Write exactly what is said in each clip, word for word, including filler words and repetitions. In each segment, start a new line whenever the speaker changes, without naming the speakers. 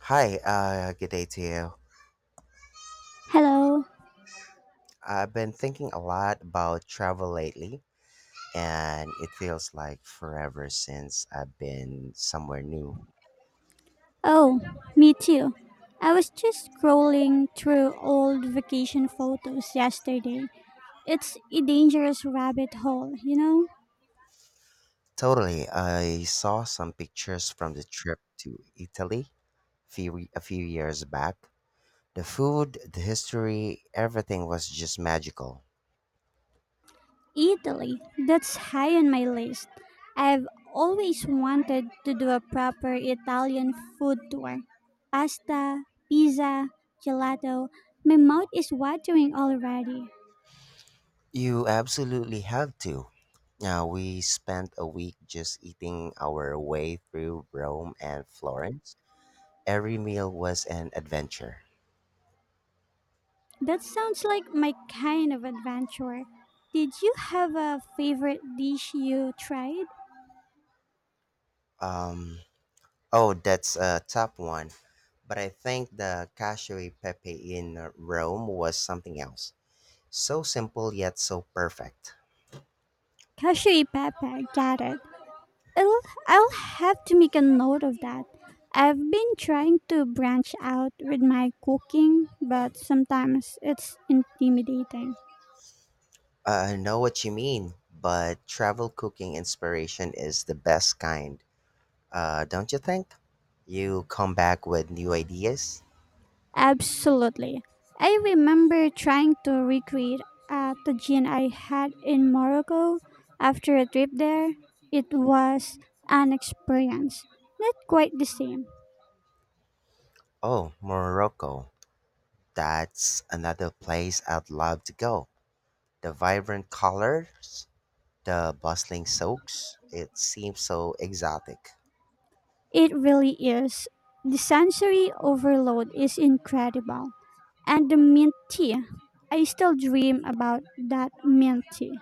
Hi, uh, good day to you.
Hello.
I've been thinking a lot about travel lately, and it feels like forever since I've been somewhere new.
Oh, me too. I was just scrolling through old vacation photos yesterday. It's a dangerous rabbit hole, you know?
Totally, I saw some pictures from the trip to Italy few, a few years back. The food, the history, everything was just magical.
Italy, that's high on my list. I've always wanted to do a proper Italian food tour. Pasta, pizza, gelato. My mouth is watering already.
You absolutely have to. Now, we spent a week just eating our way through Rome and Florence. Every meal was an adventure.
That sounds like my kind of adventure. Did you have a favorite dish you tried?
Um, oh, that's a top one. But I think the cacio e pepe in uh, Rome was something else. So simple yet so perfect.
Cashew pepper, got it. I'll, I'll have to make a note of that. I've been trying to branch out with my cooking, but sometimes it's intimidating.
Uh, I know what you mean, but travel cooking inspiration is the best kind, uh, don't you think? You come back with new ideas.
Absolutely. I remember trying to recreate a tagine I had in Morocco after a trip there. It was an experience, not quite the same.
Oh, Morocco. That's another place I'd love to go. The vibrant colors, the bustling souks, it seems so exotic.
It really is. The sensory overload is incredible. And the mint tea. I still dream about that mint tea.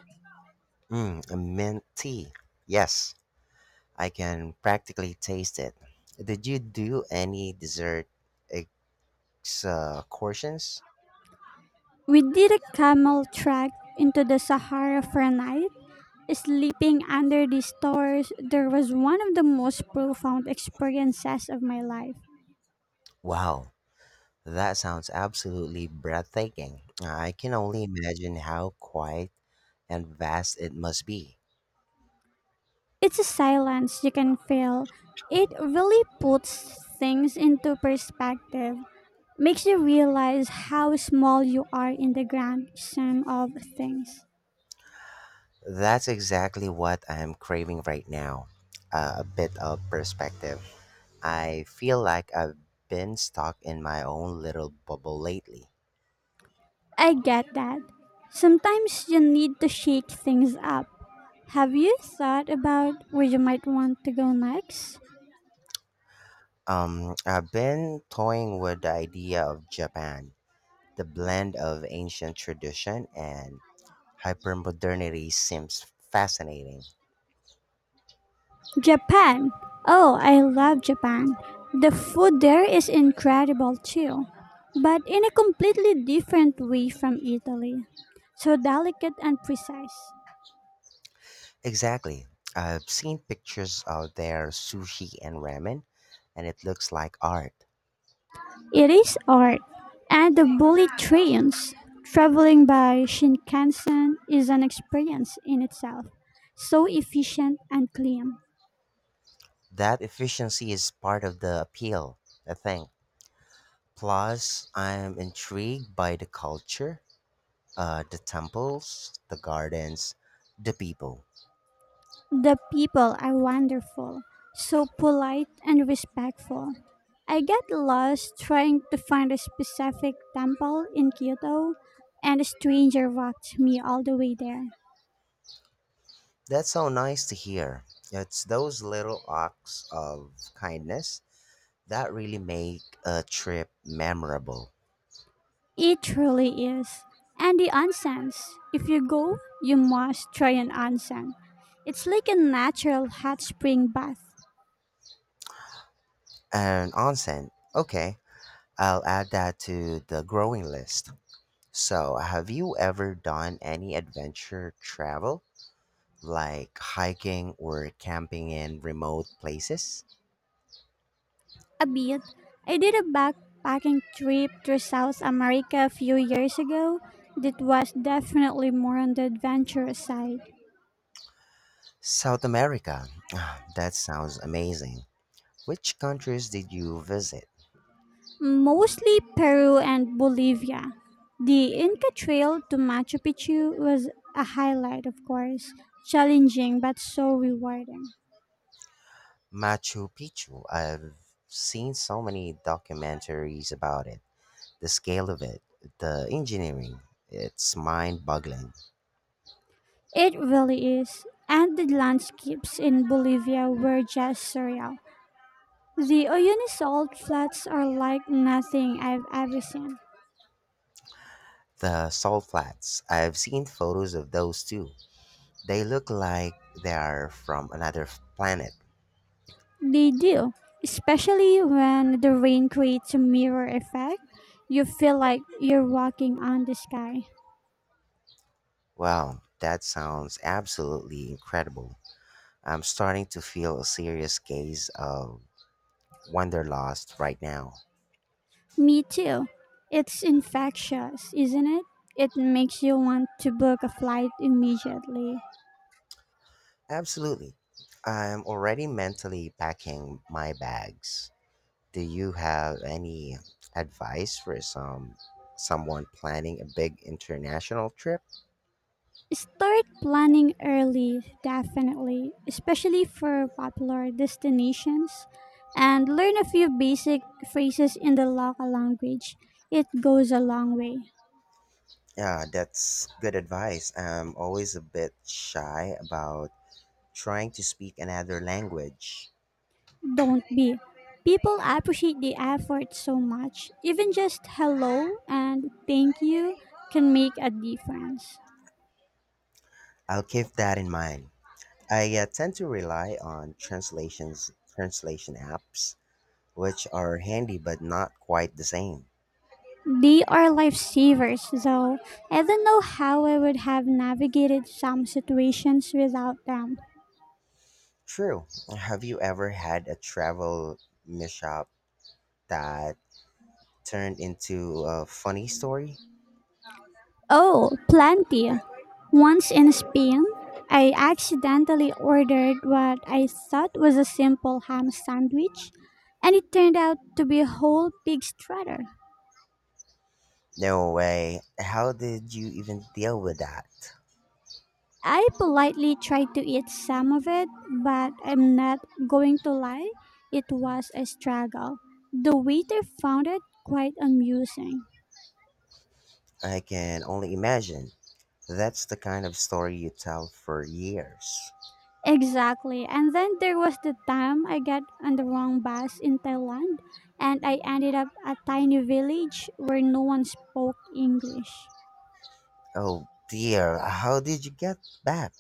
Mm, a mint tea. Yes, I can practically taste it. Did you do any dessert excursions?
We did a camel trek into the Sahara for a night. Sleeping under the stars, there was one of the most profound experiences of my life.
Wow, that sounds absolutely breathtaking. I can only imagine how quiet and vast it must be.
It's a silence you can feel. It really puts things into perspective. Makes you realize how small you are in the grand scheme of things.
That's exactly what I'm craving right now. Uh, a bit of perspective. I feel like I've been stuck in my own little bubble lately.
I get that. Sometimes you need to shake things up. Have you thought about where you might want to go next?
Um, I've been toying with the idea of Japan. The blend of ancient tradition and hypermodernity seems fascinating.
Japan. Oh, I love Japan. The food there is incredible too, but in a completely different way from Italy. So delicate and precise.
Exactly. I've seen pictures of their sushi and ramen, and it looks like art.
It is art, and the bullet trains traveling by Shinkansen is an experience in itself, so efficient and clean.
That efficiency is part of the appeal, I think. Plus, I'm intrigued by the culture, uh, the temples, the gardens, the people.
The people are wonderful, so polite and respectful. I get lost trying to find a specific temple in Kyoto, and a stranger walked me all the way there.
That's so nice to hear. It's those little acts of kindness that really make a trip memorable.
It truly is. And the onsen's. If you go, you must try an onsen. It's like a natural hot spring bath.
And onsen, okay, I'll add that to the growing list. So, have you ever done any adventure travel, like hiking or camping in remote places?
A bit. I did a backpacking trip through South America a few years ago that was definitely more on the adventurous side.
South America. Ah, that sounds amazing. Which countries did you visit?
Mostly Peru and Bolivia. The Inca Trail to Machu Picchu was a highlight, of course. Challenging but so rewarding.
Machu Picchu. I've seen so many documentaries about it. The scale of it, the engineering, it's mind boggling.
It really is. And the landscapes in Bolivia were just surreal. The Oyunizal flats are like nothing I've ever seen.
The salt flats. I've seen photos of those too. They look like they're from another f- planet.
They do, especially when the rain creates a mirror effect. You feel like you're walking on the sky.
Wow, that sounds absolutely incredible. I'm starting to feel a serious case of wanderlust right now.
Me too. It's infectious, isn't it? It makes you want to book a flight immediately.
Absolutely. I'm already mentally packing my bags. Do you have any advice for some someone planning a big international trip?
Start planning early, definitely, especially for popular destinations. And learn a few basic phrases in the local language. It goes a long way.
Yeah, that's good advice. I'm always a bit shy about trying to speak another language.
Don't be. People appreciate the effort so much. Even just hello and thank you can make a difference.
I'll keep that in mind. I uh, tend to rely on translations, translation apps, which are handy but not quite the same.
They are lifesavers, though. I don't know how I would have navigated some situations without them.
True. Have you ever had a travel mishap that turned into a funny story?
Oh, plenty. Once in Spain, I accidentally ordered what I thought was a simple ham sandwich, and it turned out to be a whole pig strutter.
No way. How did you even deal with that?
I politely tried to eat some of it, but I'm not going to lie, it was a struggle. The waiter found it quite amusing.
I can only imagine. That's the kind of story you tell for years.
Exactly. And then there was the time I got on the wrong bus in Thailand and I ended up a tiny village where no one spoke English.
Oh dear, how did you get back?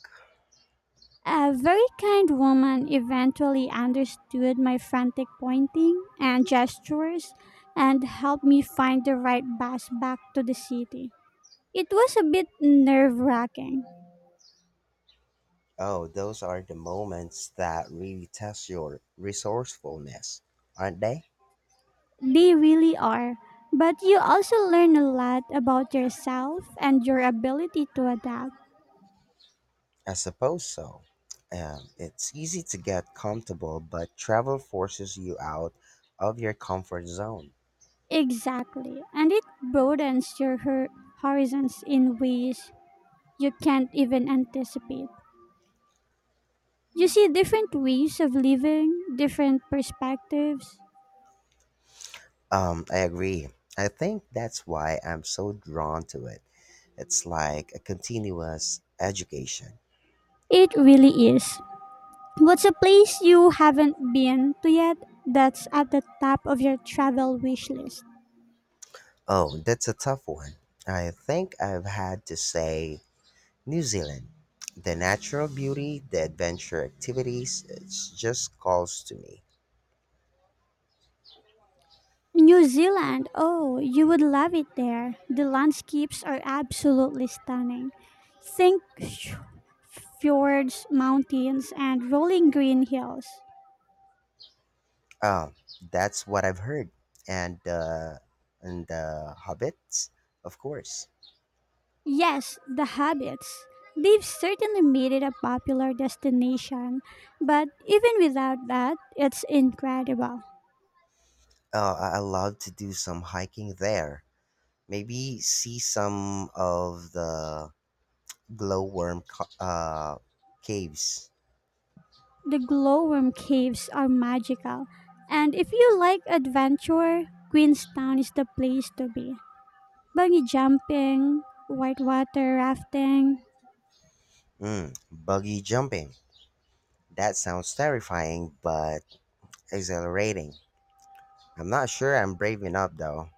A very kind woman eventually understood my frantic pointing and gestures and helped me find the right bus back to the city. It was a bit nerve wracking.
Oh, those are the moments that really test your resourcefulness, aren't they?
They really are. But you also learn a lot about yourself and your ability to adapt.
I suppose so. Um, it's easy to get comfortable, but travel forces you out of your comfort zone.
Exactly. And it broadens your hor- horizons in ways you can't even anticipate. You see different ways of living, different perspectives.
Um, I agree. I think that's why I'm so drawn to it. It's like a continuous education.
It really is. What's a place you haven't been to yet that's at the top of your travel wish list?
Oh, that's a tough one. I think I've had to say New Zealand. The natural beauty, the adventure activities, it's just calls to me.
New Zealand. Oh, you would love it there. The landscapes are absolutely stunning. Think sh- fjords, mountains, and rolling green hills.
Oh, that's what I've heard. And uh, and the hobbits, of course.
Yes, the habits. They've certainly made it a popular destination, but even without that, it's incredible.
Oh, I I love to do some hiking there. Maybe see some of the glowworm co- uh, caves.
The glowworm caves are magical, and if you like adventure, Queenstown is the place to be. Bungee jumping, whitewater rafting,
Mm, buggy jumping. That sounds terrifying, but exhilarating. I'm not sure I'm brave enough though.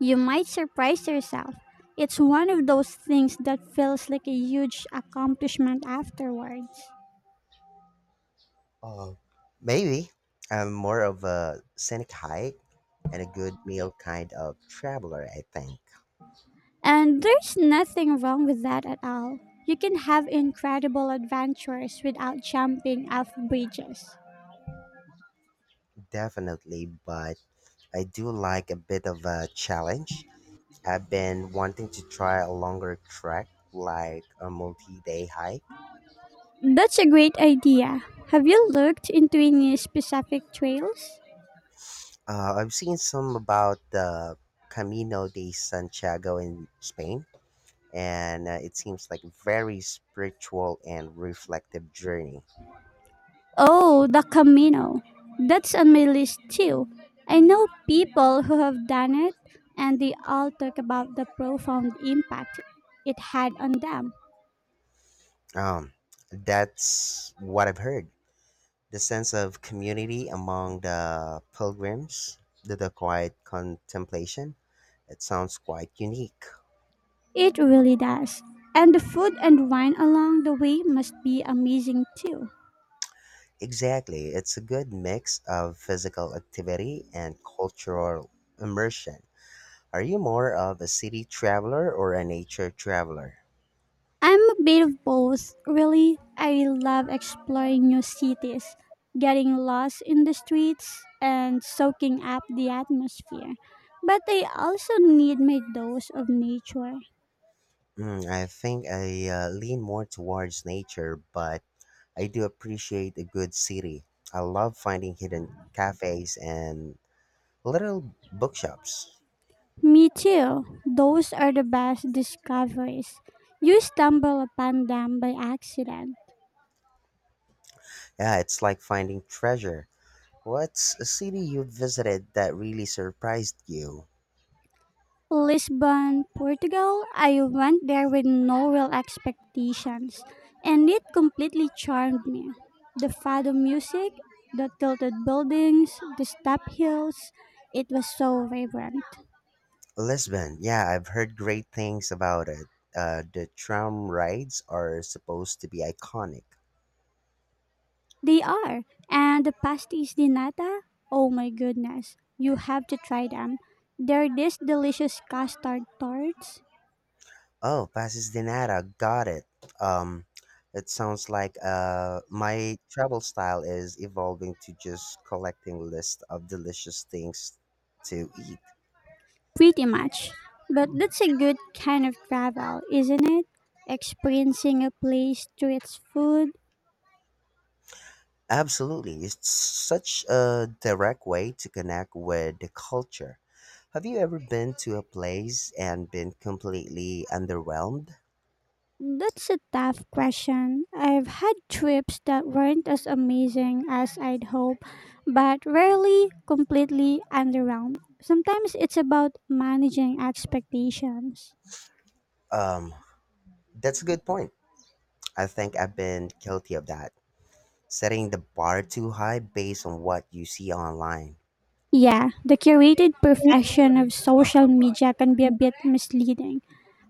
you might surprise yourself. It's one of those things that feels like a huge accomplishment afterward.
Uh, maybe I'm more of a scenic hike and a good meal kind of traveler, I think.
And there's nothing wrong with that at all. You can have incredible adventures without jumping off bridges.
Definitely, but I do like a bit of a challenge. I've been wanting to try a longer trek, like a multi day hike.
That's a great idea. Have you looked into any specific trails?
Uh, I've seen some about the Camino de Santiago in Spain, and uh, it seems like a very spiritual and reflective journey.
Oh, the Camino. That's on my list too. I know people who have done it and they all talk about the profound impact it had on them.
Um, that's what I've heard. The sense of community among the pilgrims, the, the quiet contemplation, it sounds quite unique.
It really does. And the food and wine along the way must be amazing too.
Exactly, it's a good mix of physical activity and cultural immersion. Are you more of a city traveler or a nature traveler?
I'm a bit of both, really. I love exploring new cities, getting lost in the streets, and soaking up the atmosphere. But I also need my dose of nature.
Mm, I think I uh, lean more towards nature, but I do appreciate a good city. I love finding hidden cafes and little bookshops.
Me too. Those are the best discoveries. You stumble upon them by accident.
Yeah, it's like finding treasure. What's a city you visited that really surprised you?
Lisbon, Portugal, I went there with no real expectations, and it completely charmed me. The fado music, the tilted buildings, the step hills, it was so vibrant.
Lisbon. Yeah, I've heard great things about it. Uh, the tram rides are supposed to be iconic.
They are, and the pastéis de nata, oh my goodness, you have to try them. They're these delicious custard tarts,
Oh, Passes de Nada. Got it. Um, it sounds like uh, my travel style is evolving to just collecting list of delicious things to eat.
pretty much. But that's a good kind of travel, isn't it? Experiencing a place through its food.
Absolutely. It's such a direct way to connect with the culture. Have you ever been to a place and been completely underwhelmed?
That's a tough question. I've had trips that weren't as amazing as I'd hoped, but rarely completely underwhelmed. Sometimes it's about managing expectations.
Um, that's a good point. I think I've been guilty of that, setting the bar too high based on what you see online,
Yeah, the curated perfection of social media can be a bit misleading.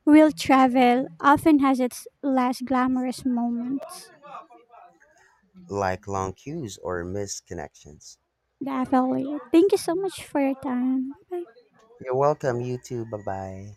Real travel often has its less glamorous moments.
like long queues or missed connections.
Definitely. Thank you so much for your time. Bye.
You're welcome, you too. Bye bye.